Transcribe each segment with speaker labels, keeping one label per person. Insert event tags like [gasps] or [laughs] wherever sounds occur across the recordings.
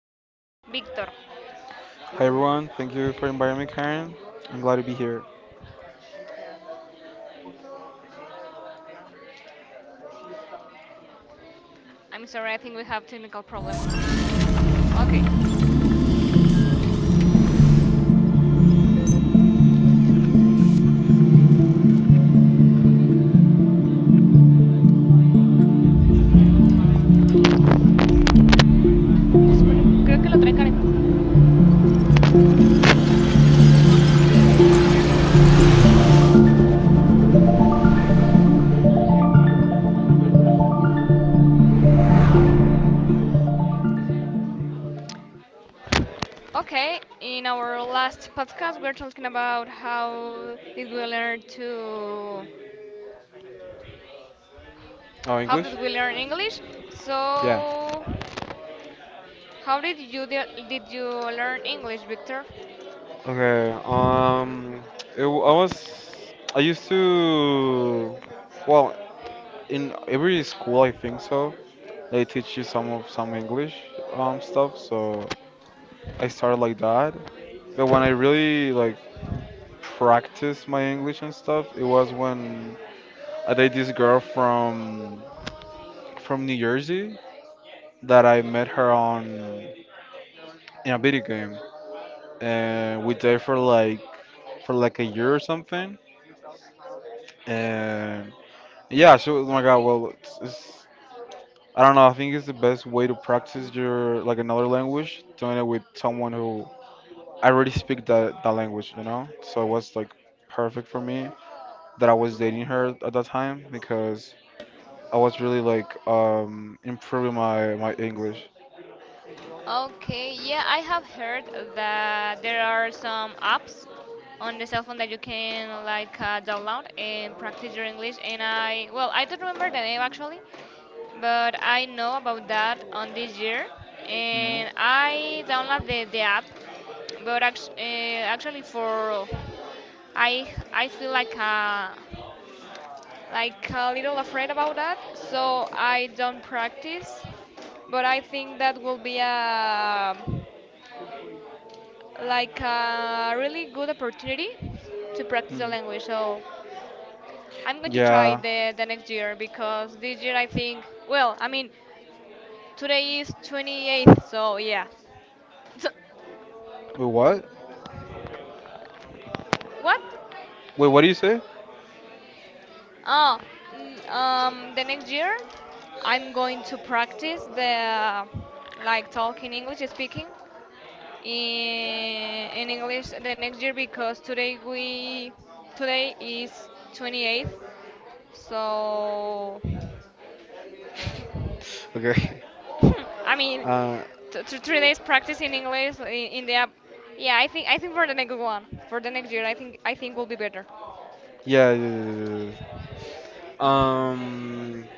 Speaker 1: guest, Víctor.
Speaker 2: Hi everyone, thank you for inviting me, Karen. I'm glad to be here.
Speaker 1: I'm sorry, I think we have technical problems. Okay. Se supone que- Creo que lo trae Karen. Okay, in our last podcast, we are talking about how did we learn to.
Speaker 2: Oh,
Speaker 1: How did
Speaker 2: English?
Speaker 1: we learn English?
Speaker 2: Yeah.
Speaker 1: So, how did you did you learn English, Victor?
Speaker 2: Okay. I used to, well, in every school I think so they teach you some of some English stuff. So I started like that. But when I really like practiced my English and stuff, it was when I dated this girl from New Jersey that I met her on in a video game. And we dated for like a year or something. And yeah. So oh my God, well, it's I don't know. I think it's the best way to practice your like another language, doing it with someone who I already speak that language, you know. So it was like perfect for me that I was dating her at that time because I was really like improving my English.
Speaker 1: Okay, yeah, I have heard that there are some apps on the cell phone that you can like download and practice your English. And I, well, I don't remember the name actually, but I know about that on this year.
Speaker 2: Mm,
Speaker 1: And I download the app, but actually for I I feel like a little afraid about that, so I don't practice. But I think that will be a like a really good opportunity to practice the
Speaker 2: mm.
Speaker 1: language. So I'm going to try
Speaker 2: Yeah.
Speaker 1: the next year because this year I think well, I mean today is 28th, so yeah. So,
Speaker 2: Wait, what?
Speaker 1: what?
Speaker 2: Wait, what do you say? [laughs]
Speaker 1: Oh, the next year I'm going to practice the like talking English speaking in English the next year because today is 28th. So
Speaker 2: Okay.
Speaker 1: [laughs] I mean,
Speaker 2: Uh,
Speaker 1: three days practice in English in the app. Yeah, I think for the next year, I think will be better.
Speaker 2: yeah, yeah, yeah, yeah, yeah. Um,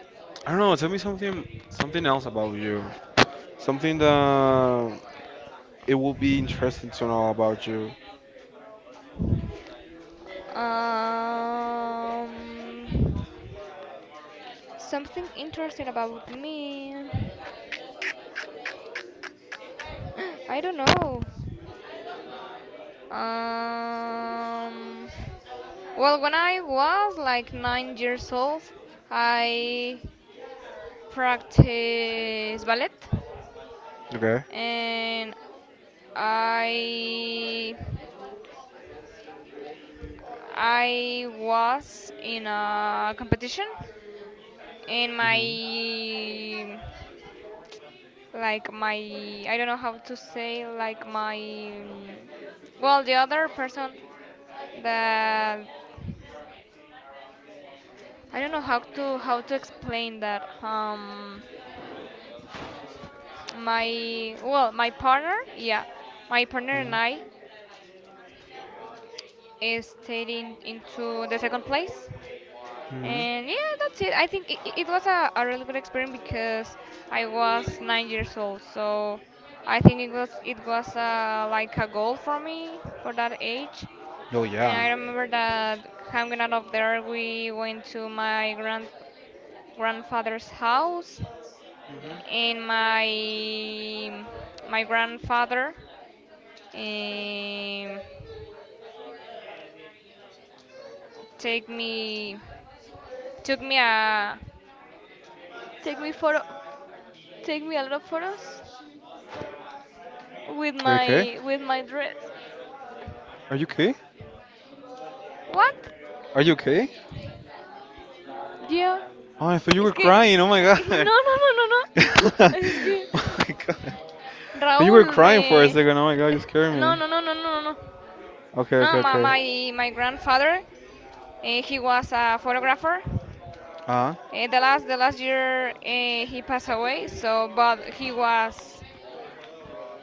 Speaker 2: I don't know. Tell me something, something else about you. Something that it will be interesting to know about you.
Speaker 1: Um, something interesting about me. [gasps] I don't know. Um. Well, when I was like nine years old, I practiced ballet,
Speaker 2: Okay.
Speaker 1: and I I was in a competition, and
Speaker 2: Mhm.
Speaker 1: my I don't know how to say like my mm, well the other person that I don't know how to explain that my partner, yeah, my partner and I
Speaker 2: Mhm.
Speaker 1: stayed in into the second place,
Speaker 2: Mhm.
Speaker 1: and yeah, that's it. I think it was a really good experience because I was nine years old, so I think it was like a goal for me for that age.
Speaker 2: Oh
Speaker 1: And
Speaker 2: yeah.
Speaker 1: I remember that hanging out of there we went to my grandfather's house,
Speaker 2: Mhm.
Speaker 1: and my grandfather Um, take me, took me a, take me photo, take me a lot of photos
Speaker 2: Are you okay?
Speaker 1: with my dress.
Speaker 2: Are you okay?
Speaker 1: What?
Speaker 2: Are you okay?
Speaker 1: Yeah.
Speaker 2: Oh, I thought you
Speaker 1: Es
Speaker 2: were
Speaker 1: que, [laughs]
Speaker 2: crying. Oh my
Speaker 1: no
Speaker 2: god.
Speaker 1: no no no
Speaker 2: [laughs] Oh
Speaker 1: no. [gasps] Es que
Speaker 2: my god. But you were
Speaker 1: Raúl
Speaker 2: crying for a
Speaker 1: me,
Speaker 2: second. Oh my god, you scared
Speaker 1: no
Speaker 2: me.
Speaker 1: no no no no no.
Speaker 2: Okay,
Speaker 1: No,
Speaker 2: okay, okay.
Speaker 1: my grandfather, he was a photographer.
Speaker 2: Ah.
Speaker 1: The last year he passed away. So, but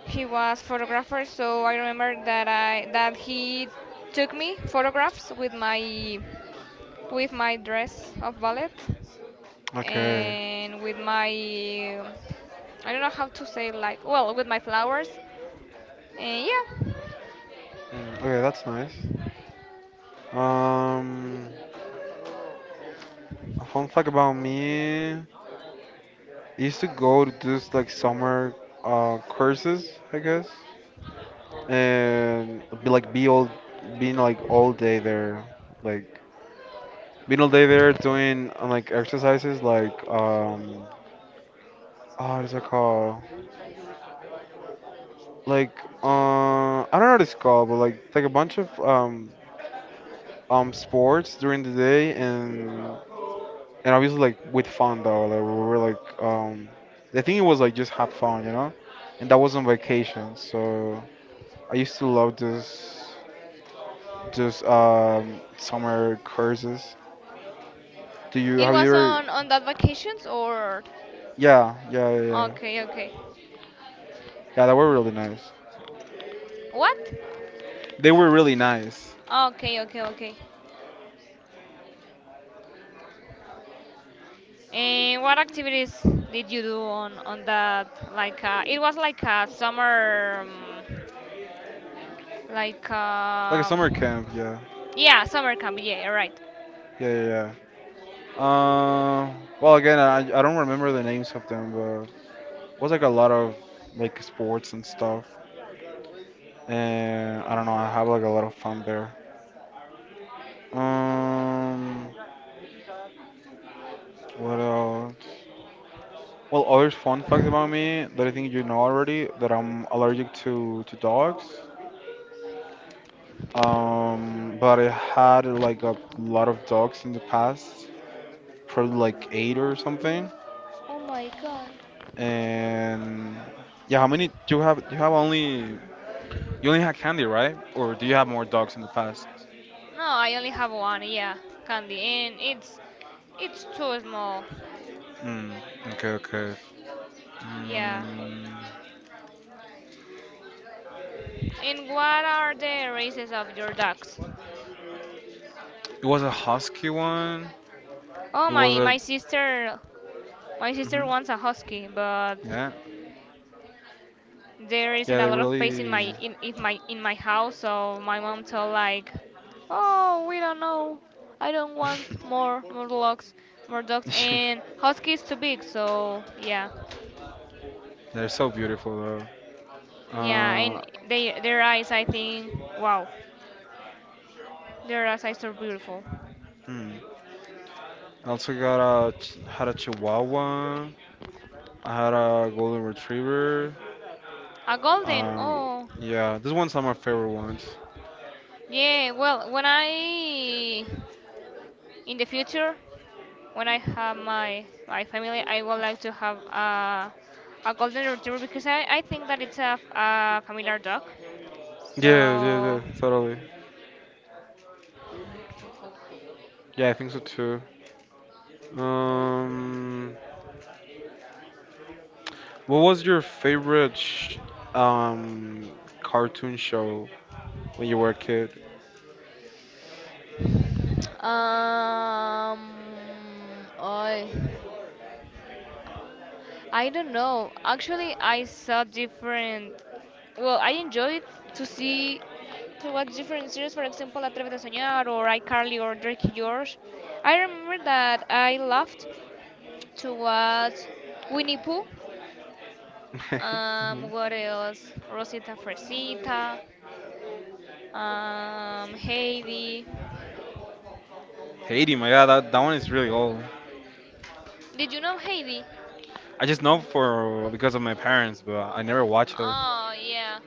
Speaker 1: he was photographer, so I remember that I that he took me photographs with my dress of ballet,
Speaker 2: Okay.
Speaker 1: and with my I don't know how to say like well with my flowers, and yeah,
Speaker 2: Okay, that's nice. Um, a fun fact about me. I used to go to just like summer courses, I guess, and be all being like all day there, like being all day there doing like exercises like oh what is that called? Like I don't know what it's called, but like a bunch of sports during the day and obviously like with fun though, like we were like I think it was like just have fun, you know, and that was on vacation, so. I used to love those those summer courses. Do you
Speaker 1: it
Speaker 2: have you
Speaker 1: was
Speaker 2: ever?
Speaker 1: on that vacations or
Speaker 2: Yeah, yeah, yeah, yeah.
Speaker 1: okay.
Speaker 2: Yeah, they were really nice.
Speaker 1: What?
Speaker 2: They were really nice,
Speaker 1: Okay. And what activities did you do on that it was like a summer like
Speaker 2: like a
Speaker 1: uh,
Speaker 2: summer camp. Yeah,
Speaker 1: yeah, summer candy. Yeah, you're right.
Speaker 2: yeah, yeah, yeah. Uh, well, again, I don't remember the names of them, but it was like a lot of like sports and stuff. And I don't know, I have like a lot of fun there. Um, what else? Well, other fun facts about me that I think you know already that I'm allergic to dogs. But I had like a lot of dogs in the past, probably like eight or something.
Speaker 1: Oh my god.
Speaker 2: And yeah, how many do you have? You have only you only had Candy, right? Or do you have more dogs in the past?
Speaker 1: No, I only have one. Yeah, candy, and it's too small.
Speaker 2: Mm, okay, okay.
Speaker 1: Yeah.
Speaker 2: Mm,
Speaker 1: And what are the races of your dogs?
Speaker 2: it was a husky one.
Speaker 1: Oh,
Speaker 2: It was
Speaker 1: my
Speaker 2: a
Speaker 1: sister, my sister
Speaker 2: hmm,
Speaker 1: wants a husky, but
Speaker 2: yeah,
Speaker 1: there isn't
Speaker 2: yeah.
Speaker 1: a
Speaker 2: They
Speaker 1: lot of space in
Speaker 2: really
Speaker 1: my house, so my mom told like, oh, we don't know. I don't want more dogs, and
Speaker 2: [laughs]
Speaker 1: husky is too big. So yeah.
Speaker 2: they're so beautiful though.
Speaker 1: Yeah,
Speaker 2: Uh,
Speaker 1: and they their eyes, I think, wow, their eyes are so beautiful.
Speaker 2: mm, I also had a Chihuahua. I had a golden retriever.
Speaker 1: A golden,
Speaker 2: Um,
Speaker 1: oh,
Speaker 2: yeah, this ones one of my favorite ones.
Speaker 1: yeah. Well, when I in the future, when I have my family, I would like to have a golden retriever because I think that it's a familiar dog.
Speaker 2: Yeah, yeah, yeah,
Speaker 1: So,
Speaker 2: totally. Yeah, I think so too. Um, what was your favorite sh um cartoon show when you were a kid?
Speaker 1: um, I I don't know. Actually, I saw different well, I enjoyed to see to watch different series, for example, Atrévete a Soñar or iCarly or Drake George. I remember that I loved to watch Winnie Pooh.
Speaker 2: [laughs] Hmm.
Speaker 1: What else? Rosita Fresita. Heidi.
Speaker 2: Haiti, my God, that that one is really old.
Speaker 1: Did you know Heidi?
Speaker 2: I just know for because of my parents, but I never watched her.
Speaker 1: Oh yeah.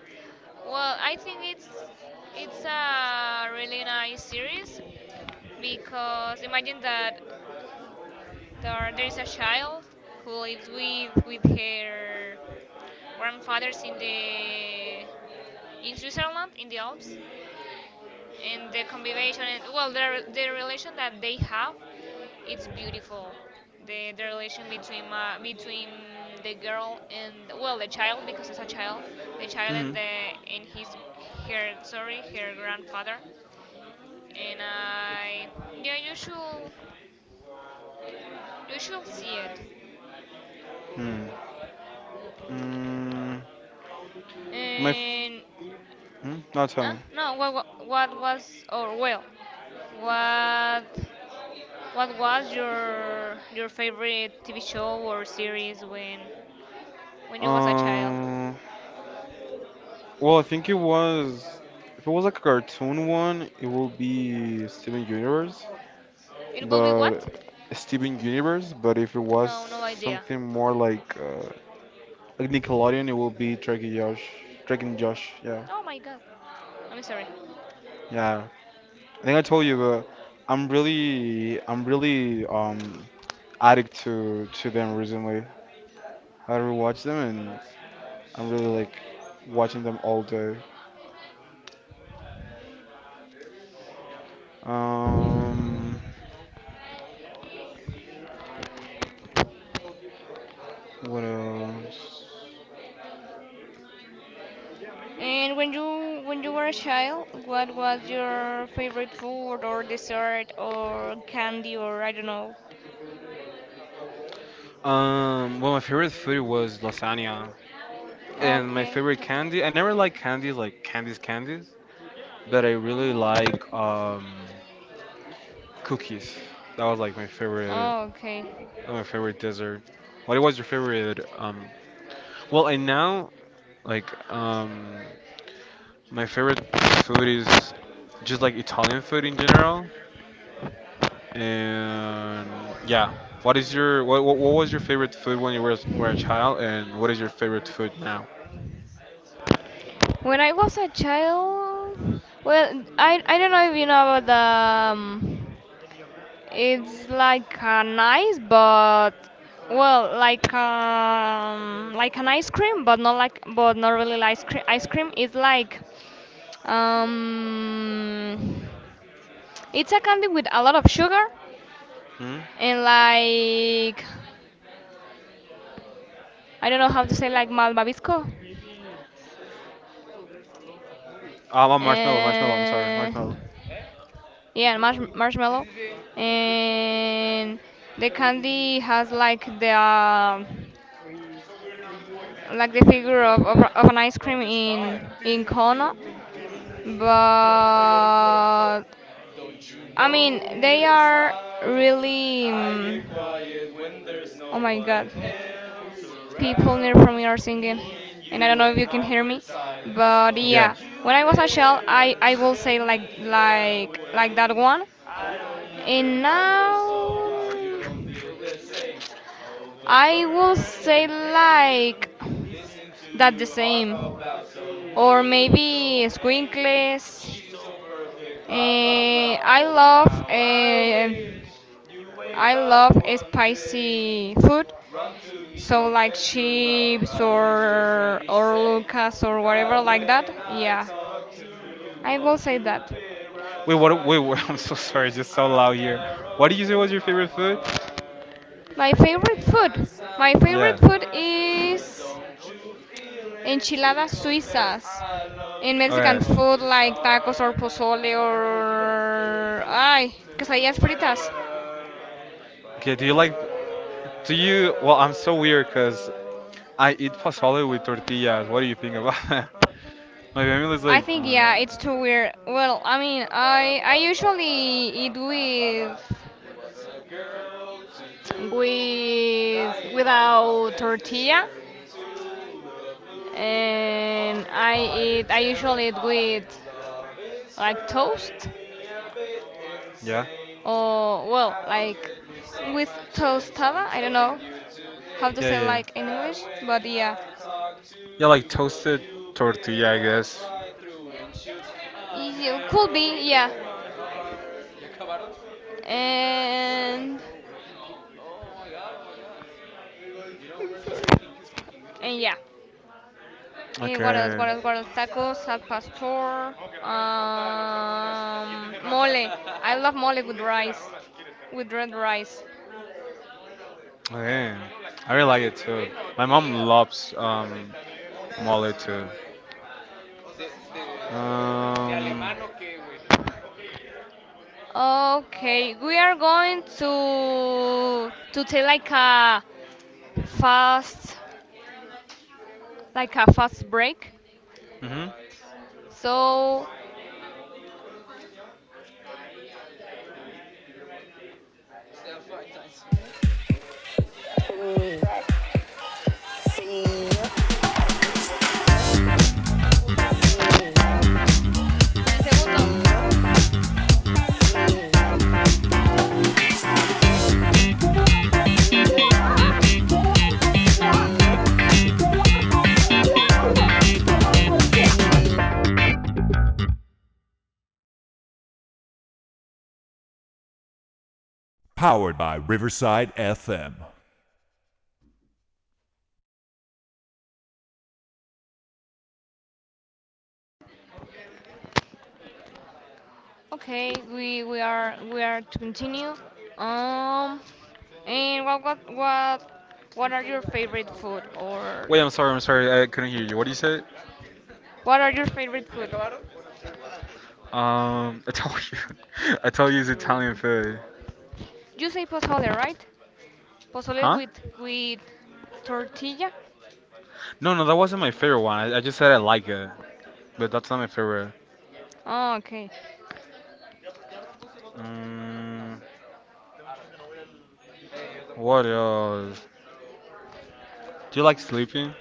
Speaker 1: Well, I think it's a really nice series because imagine that there is a child who lives with her grandfathers in Switzerland in the Alps, and the combination and well, the relation that they have, it's beautiful. The relation between the girl and well the child because it's a child, the child
Speaker 2: Hmm.
Speaker 1: and the and his her, sorry, her grandfather, and I yeah you should see it.
Speaker 2: Hmm. Mm, my.
Speaker 1: And
Speaker 2: No, tell
Speaker 1: uh,
Speaker 2: me.
Speaker 1: no, what was, or well, what what was your favorite TV show or series when you was a child?
Speaker 2: Um. Well, I think it was. If it was like a cartoon one, it will be
Speaker 1: It will be what?
Speaker 2: but Steven Universe. But if it was
Speaker 1: No, no idea.
Speaker 2: something more like Nickelodeon, it will be Drake and Josh. Drake and Josh. Yeah,
Speaker 1: Oh my god, I'm sorry.
Speaker 2: yeah. I think I told you, but I'm really addict to them recently. I rewatch them, and I'm really like watching them all day. Um, what else?
Speaker 1: And when you were a child, what was your favorite food or dessert or candy or I don't know?
Speaker 2: Well, my favorite food was lasagna, and my
Speaker 1: Okay,
Speaker 2: favorite candy. I never liked candies like candies, but I really like cookies. That was like
Speaker 1: oh, okay.
Speaker 2: my favorite dessert. What was your favorite? Well, and now like my favorite food is just like Italian food in general. And yeah, what is your what was your favorite food when you were a child, and what is your favorite food now?
Speaker 1: When I was a child, well, I don't know if you know about the. It's like an ice, but well, like an ice cream, but not like, but not really like ice cream. Ice cream is like, um, it's a candy with a lot of sugar
Speaker 2: Hmm?
Speaker 1: and like, I don't know how to say like malvavisco.
Speaker 2: I'm Marshmallow, Marshmallow. I'm sorry,
Speaker 1: Uh,
Speaker 2: Marshmallow.
Speaker 1: Yeah, marshmallow. And the candy has like the the figure of an ice cream in Kona, but I mean they are really. Mm, oh my God, people near from me are singing, and I don't know if you can hear me, but
Speaker 2: Yeah.
Speaker 1: yeah, when I was a child, I will say like like that one, and now I will say like that the same. Or maybe Squinkles. Eh, I love eh, I love spicy food. So like chips or Lucas or whatever like that. Yeah, I will say that.
Speaker 2: Wait, what? [laughs] I'm so sorry. It's just so loud here. What did you say was your favorite food?
Speaker 1: My favorite food. My favorite
Speaker 2: Yeah.
Speaker 1: food is enchiladas suizas. In Mexican
Speaker 2: Okay.
Speaker 1: food like tacos or pozole or ay, quesadillas fritas.
Speaker 2: Okay, do you well I'm so weird because I eat pozole with tortillas. What do you think about [laughs] that? My family is
Speaker 1: I
Speaker 2: like
Speaker 1: think yeah, it's too weird. Well, I mean, I usually eat with without tortilla, and I usually eat with like toast or well like with tostada. I don't know how to
Speaker 2: yeah,
Speaker 1: say
Speaker 2: yeah, yeah.
Speaker 1: like in English, but yeah,
Speaker 2: Like toasted.
Speaker 1: you could be, yeah. And [laughs] and yeah. Eh, what else?
Speaker 2: Okay.
Speaker 1: What else? What else? Tacos al pastor. Mole. I love mole with rice, with red rice.
Speaker 2: Yeah, I really like it too.
Speaker 1: Bueno,
Speaker 2: My mom
Speaker 1: damn.
Speaker 2: loves Molly too.
Speaker 1: De, de, de
Speaker 2: Um,
Speaker 1: alemán o qué, güey. Okay, we are going to take fast like a fast break.
Speaker 2: mhm.
Speaker 1: So, en el segundo. Okay, we are to continue. Um, and what are your favorite food, or
Speaker 2: I'm sorry, I couldn't hear you. What do you say?
Speaker 1: what are your favorite food?
Speaker 2: Um, [laughs] I told you, I told you it's Italian food.
Speaker 1: You say pozole, right? Pozole
Speaker 2: Huh?
Speaker 1: with tortilla.
Speaker 2: No, no, that wasn't my favorite one. I just said I like it, but that's not my favorite.
Speaker 1: Oh, okay,
Speaker 2: Mm, what else? Do you like sleeping?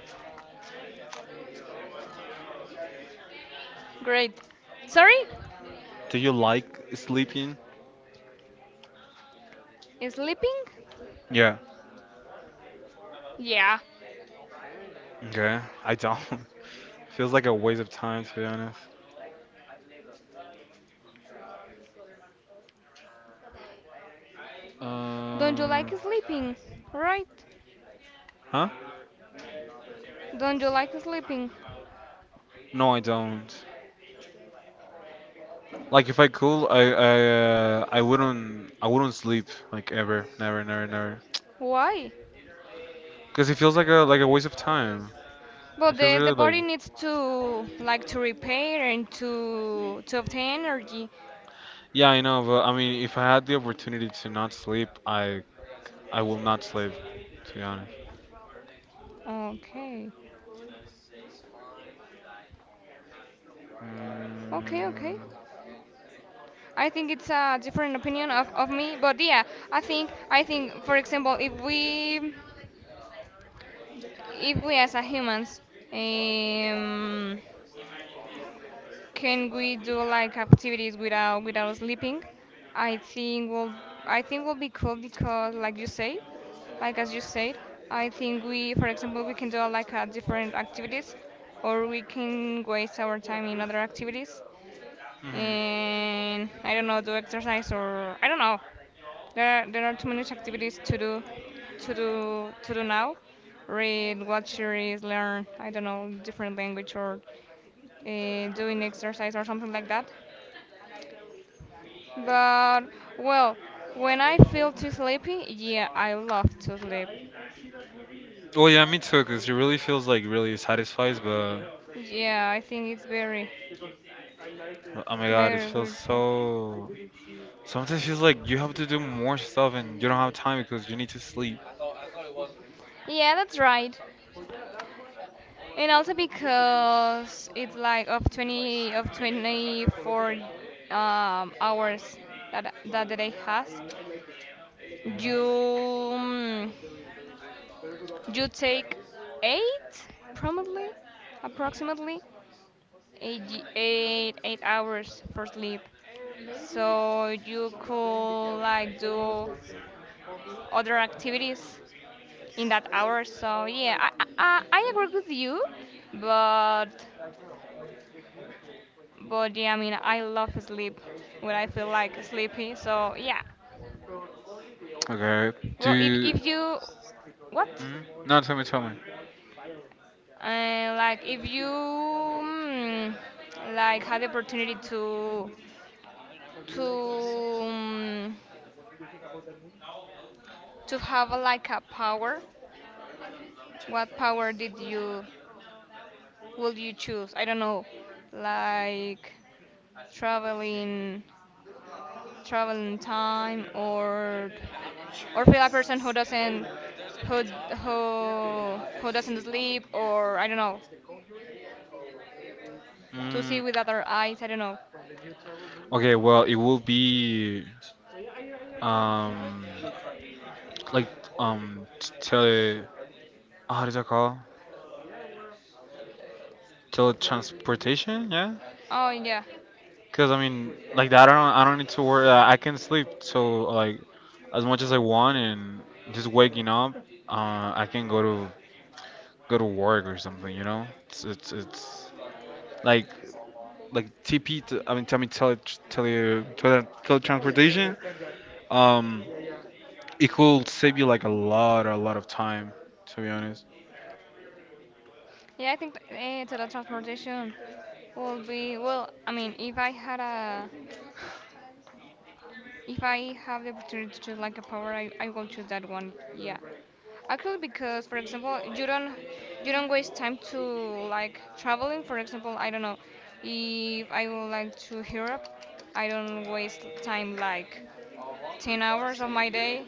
Speaker 1: great. Sorry,
Speaker 2: Do you like sleeping?
Speaker 1: sleeping?
Speaker 2: Yeah.
Speaker 1: Yeah.
Speaker 2: Okay. I don't. [laughs] Feels like a waste of time to be honest.
Speaker 1: Don't you like
Speaker 2: Um,
Speaker 1: sleeping? Right.
Speaker 2: Huh?
Speaker 1: Don't you like sleeping?
Speaker 2: No, I don't. Like if I could, I wouldn't sleep like ever, never, never, never.
Speaker 1: Why?
Speaker 2: Cause it feels like a waste of time. It
Speaker 1: But
Speaker 2: feels
Speaker 1: the
Speaker 2: really
Speaker 1: body
Speaker 2: like
Speaker 1: needs to like to repair and to obtain energy.
Speaker 2: yeah, I know, but I mean, if I had the opportunity to not sleep, I will not sleep, to be honest.
Speaker 1: Okay. Okay, okay.
Speaker 2: Mm.
Speaker 1: I think it's a different opinion of me, but yeah, I think, for example, if we as a humans, um, can we do like activities without sleeping? I think will I think will be cool because like you say, like as you said, I think we, for example, we can do different activities, or we can waste our time in other activities,
Speaker 2: Mhm.
Speaker 1: and I don't know, do exercise, or I don't know. There are too many activities to do, to do now. Read, watch series, learn, I don't know, different language or doing exercise or something like that. But well, when I feel too sleepy, yeah, I love to sleep.
Speaker 2: Oh yeah, me too. Cause it really feels like really satisfies, but.
Speaker 1: Yeah, I think it's very
Speaker 2: Oh my god, it
Speaker 1: very
Speaker 2: feels
Speaker 1: grateful.
Speaker 2: so. Sometimes it feels like you have to do more stuff and you don't have time because you need to sleep.
Speaker 1: Yeah, that's right. And also because it's like of 20 of 24 hours that that the day has, you mm, you take eight probably approximately eight, y- eight eight hours for sleep. So you could like do other activities in that hour. So yeah, I agree with you, but but yeah, I mean I love sleep when I feel like sleepy. So yeah,
Speaker 2: Okay, do
Speaker 1: well
Speaker 2: you. Like
Speaker 1: if you what,
Speaker 2: mm? No, tell me, tell me.
Speaker 1: like if you like had the opportunity to to mm, to have a, like a power, what power did you would you choose? I don't know, like traveling travel in time, or feel a person who doesn't who who doesn't sleep, or I don't know, to see
Speaker 2: Mm,
Speaker 1: with other eyes, I don't know.
Speaker 2: okay, well, it will be. So um. Like, um, because like Tele. How does that call? Teletransportation. Teletransportation? Yeah?
Speaker 1: Oh yeah,
Speaker 2: Because I mean, like that, I don't need to worry. I can sleep so like as much as I want, and just waking up, I can go to go to work or something. You know, it's like TP. I mean teletransportation. Um, it could save you like a lot of time. To be honest.
Speaker 1: yeah, I think teletransportation will be, well, I mean, if I have the opportunity to choose like a power, I will choose that one, yeah. Actually, because, for example, you don't waste time to like traveling. For example, I don't know, if I would like to Europe, I don't waste time like 10 hours of my day,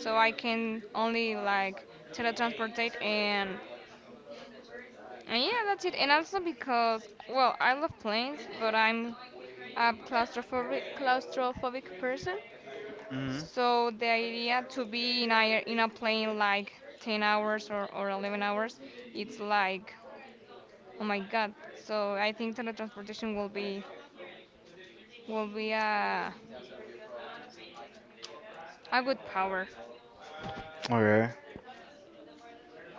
Speaker 1: so I can only like teletransportate, and yeah, that's it. And also, because, well, I love planes, but I'm a claustrophobic person,
Speaker 2: Mhm.
Speaker 1: so the idea to be in a plane like 10 hours or 11 hours, it's like, oh my God. So I think teletransportation will be a good power.
Speaker 2: Okay.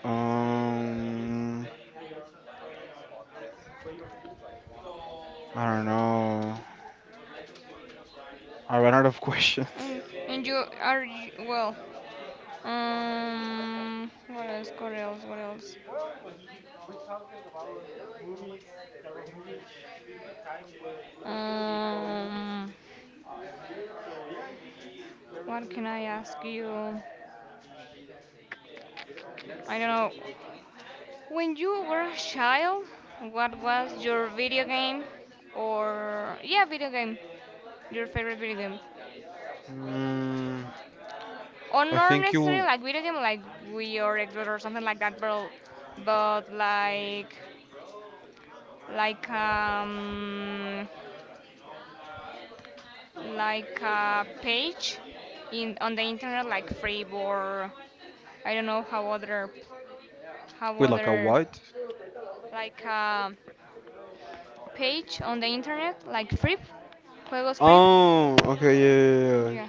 Speaker 2: Um, I don't know. I ran out of [laughs] questions.
Speaker 1: And and you are well. What else? What else? What else? Um, what can I ask you? I don't know. When you were a child, what was your video game? Or yeah, video game your favorite video game?
Speaker 2: Mm,
Speaker 1: Or
Speaker 2: I
Speaker 1: not
Speaker 2: think
Speaker 1: necessarily
Speaker 2: you
Speaker 1: like video game, like Wii or Xbox or something like that, but but like like um like a page in on the internet, like free, or I don't know, how other how
Speaker 2: with like a
Speaker 1: other
Speaker 2: what?
Speaker 1: like a page on the internet, like Free, juegos Free.
Speaker 2: Oh, okay, yeah, yeah,
Speaker 1: Yeah.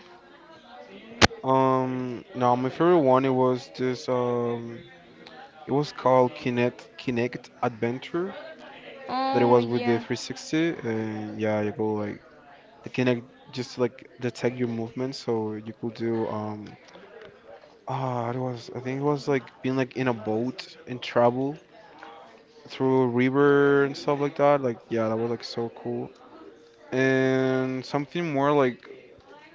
Speaker 2: yeah. No, my favorite one it was this. It was called Kinect Adventure that it
Speaker 1: Oh
Speaker 2: was with the
Speaker 1: yeah.
Speaker 2: 360 and yeah you go like the Kinect just like detect your movement so you could do ah it was I think it was like being like in a boat and travel through a river and stuff like that like yeah that was like so cool and something more like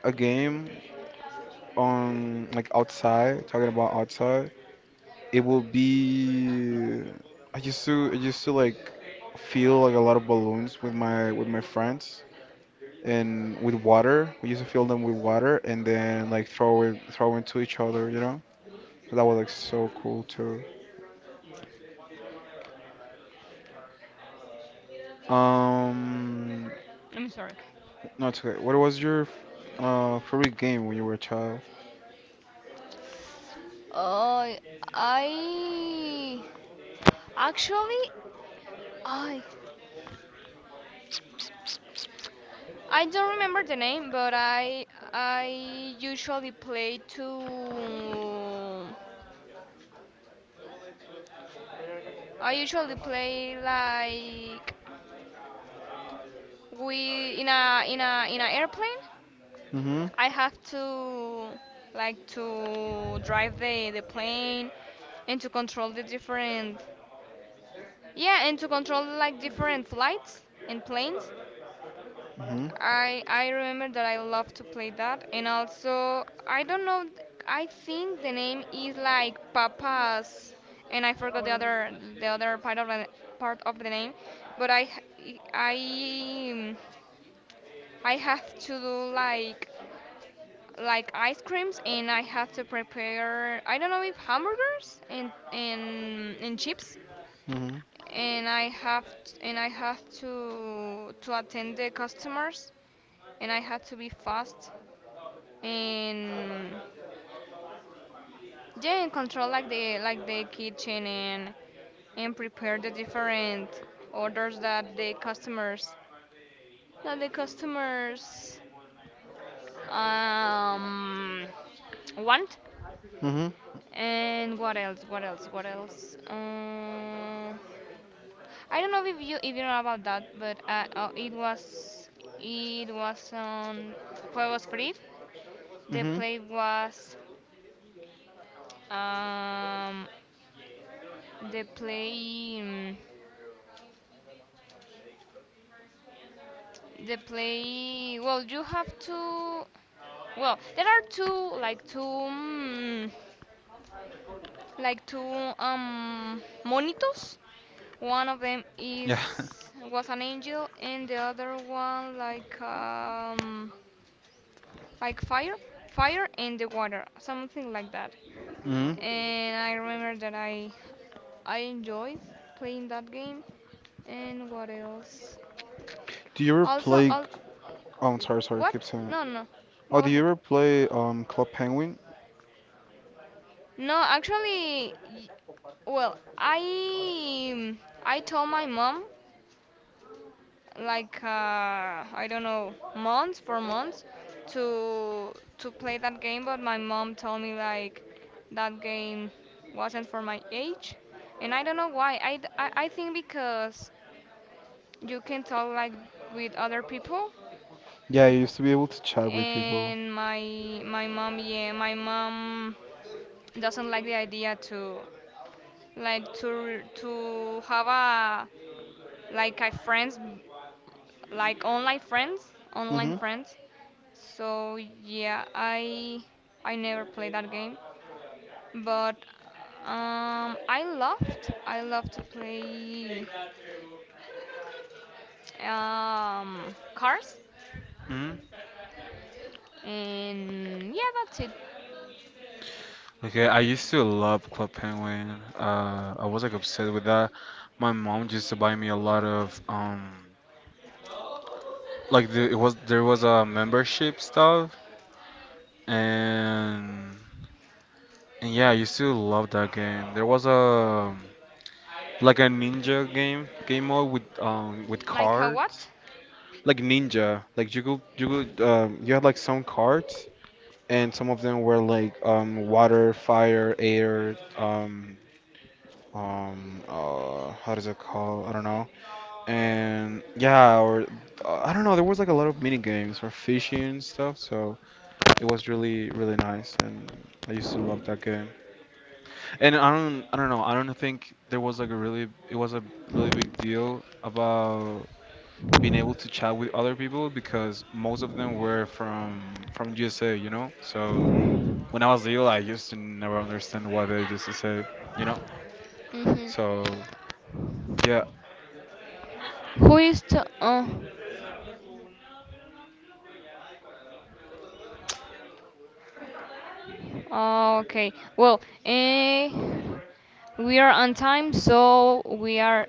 Speaker 2: a game on like outside talking about outside it will be I used to like fill like a lot of balloons with my friends and with water. We used to fill them with water and then like throw it throw into each other, you know? So that was like so cool too. Um,
Speaker 1: I'm sorry.
Speaker 2: no, it's okay. What was your favorite game when you were a child?
Speaker 1: Oh, I actually I I don't remember the name, but I usually play to I usually play like we in a airplane.
Speaker 2: Mhm.
Speaker 1: I have to like to drive the plane and to control the different, yeah, and to control like different flights and planes.
Speaker 2: Mhm.
Speaker 1: I remember that I love to play that. And also, I don't know. I think the name is like Papas, and I forgot the other part of the name. But I I have to do like ice creams, and I have to prepare, I don't know, if hamburgers and chips,
Speaker 2: Mhm.
Speaker 1: and I have to attend the customers, and I have to be fast and, yeah, and control like the kitchen and prepare the different orders that the customers that the customers um want.
Speaker 2: Mhm.
Speaker 1: And what else? What else? What else? I don't know if you know about that, but it was on Juegos Free. The
Speaker 2: Mhm.
Speaker 1: play was um the play. mm, The play, well, you have to, well, there are two, like two, like two, monitos. One of them
Speaker 2: Yeah. [laughs]
Speaker 1: is was an angel, and the other one like fire, fire and the water, something like that.
Speaker 2: Mhm.
Speaker 1: And I remember that I enjoyed playing that game. And what else?
Speaker 2: Do you ever
Speaker 1: Also,
Speaker 2: play? Oh, I'm sorry, sorry.
Speaker 1: what?
Speaker 2: Keep saying
Speaker 1: No,
Speaker 2: it.
Speaker 1: no,
Speaker 2: Oh,
Speaker 1: go
Speaker 2: do you
Speaker 1: ahead.
Speaker 2: ever play Club Penguin?
Speaker 1: No, actually, well, I, I told my mom like I don't know, months for months to play that game, but my mom told me like that game wasn't for my age, and I don't know why. I think because you can talk like with other people,
Speaker 2: Yeah, I used to be able to chat with people.
Speaker 1: and my mom doesn't like the idea to to have a like a friends like online friends, online
Speaker 2: Hmm.
Speaker 1: friends. So yeah, I never played that game, but I love to play, cars,
Speaker 2: Hmm.
Speaker 1: and yeah, that's it.
Speaker 2: Okay, I used to love Club Penguin. I was like obsessed with that. My mom used to buy me a lot of like the, it was there was a membership stuff, and yeah, I used to love that game. There was a like a ninja game mode with
Speaker 1: Like a what?
Speaker 2: cards, like ninja. Like you could you had like some cards, and some of them were like water, fire, air, how does it call? I don't know. And yeah, or I don't know. There was like a lot of mini games or fishing and stuff. So it was really really nice, and I used to love that game. And I don't.
Speaker 1: Mm-hmm. Who is to? Oh, oh, okay. Well, eh. We are on time, so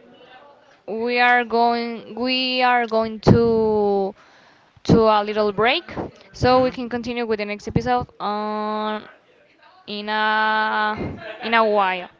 Speaker 1: we are going to a little break, so we can continue with the next episode on, in a in a while.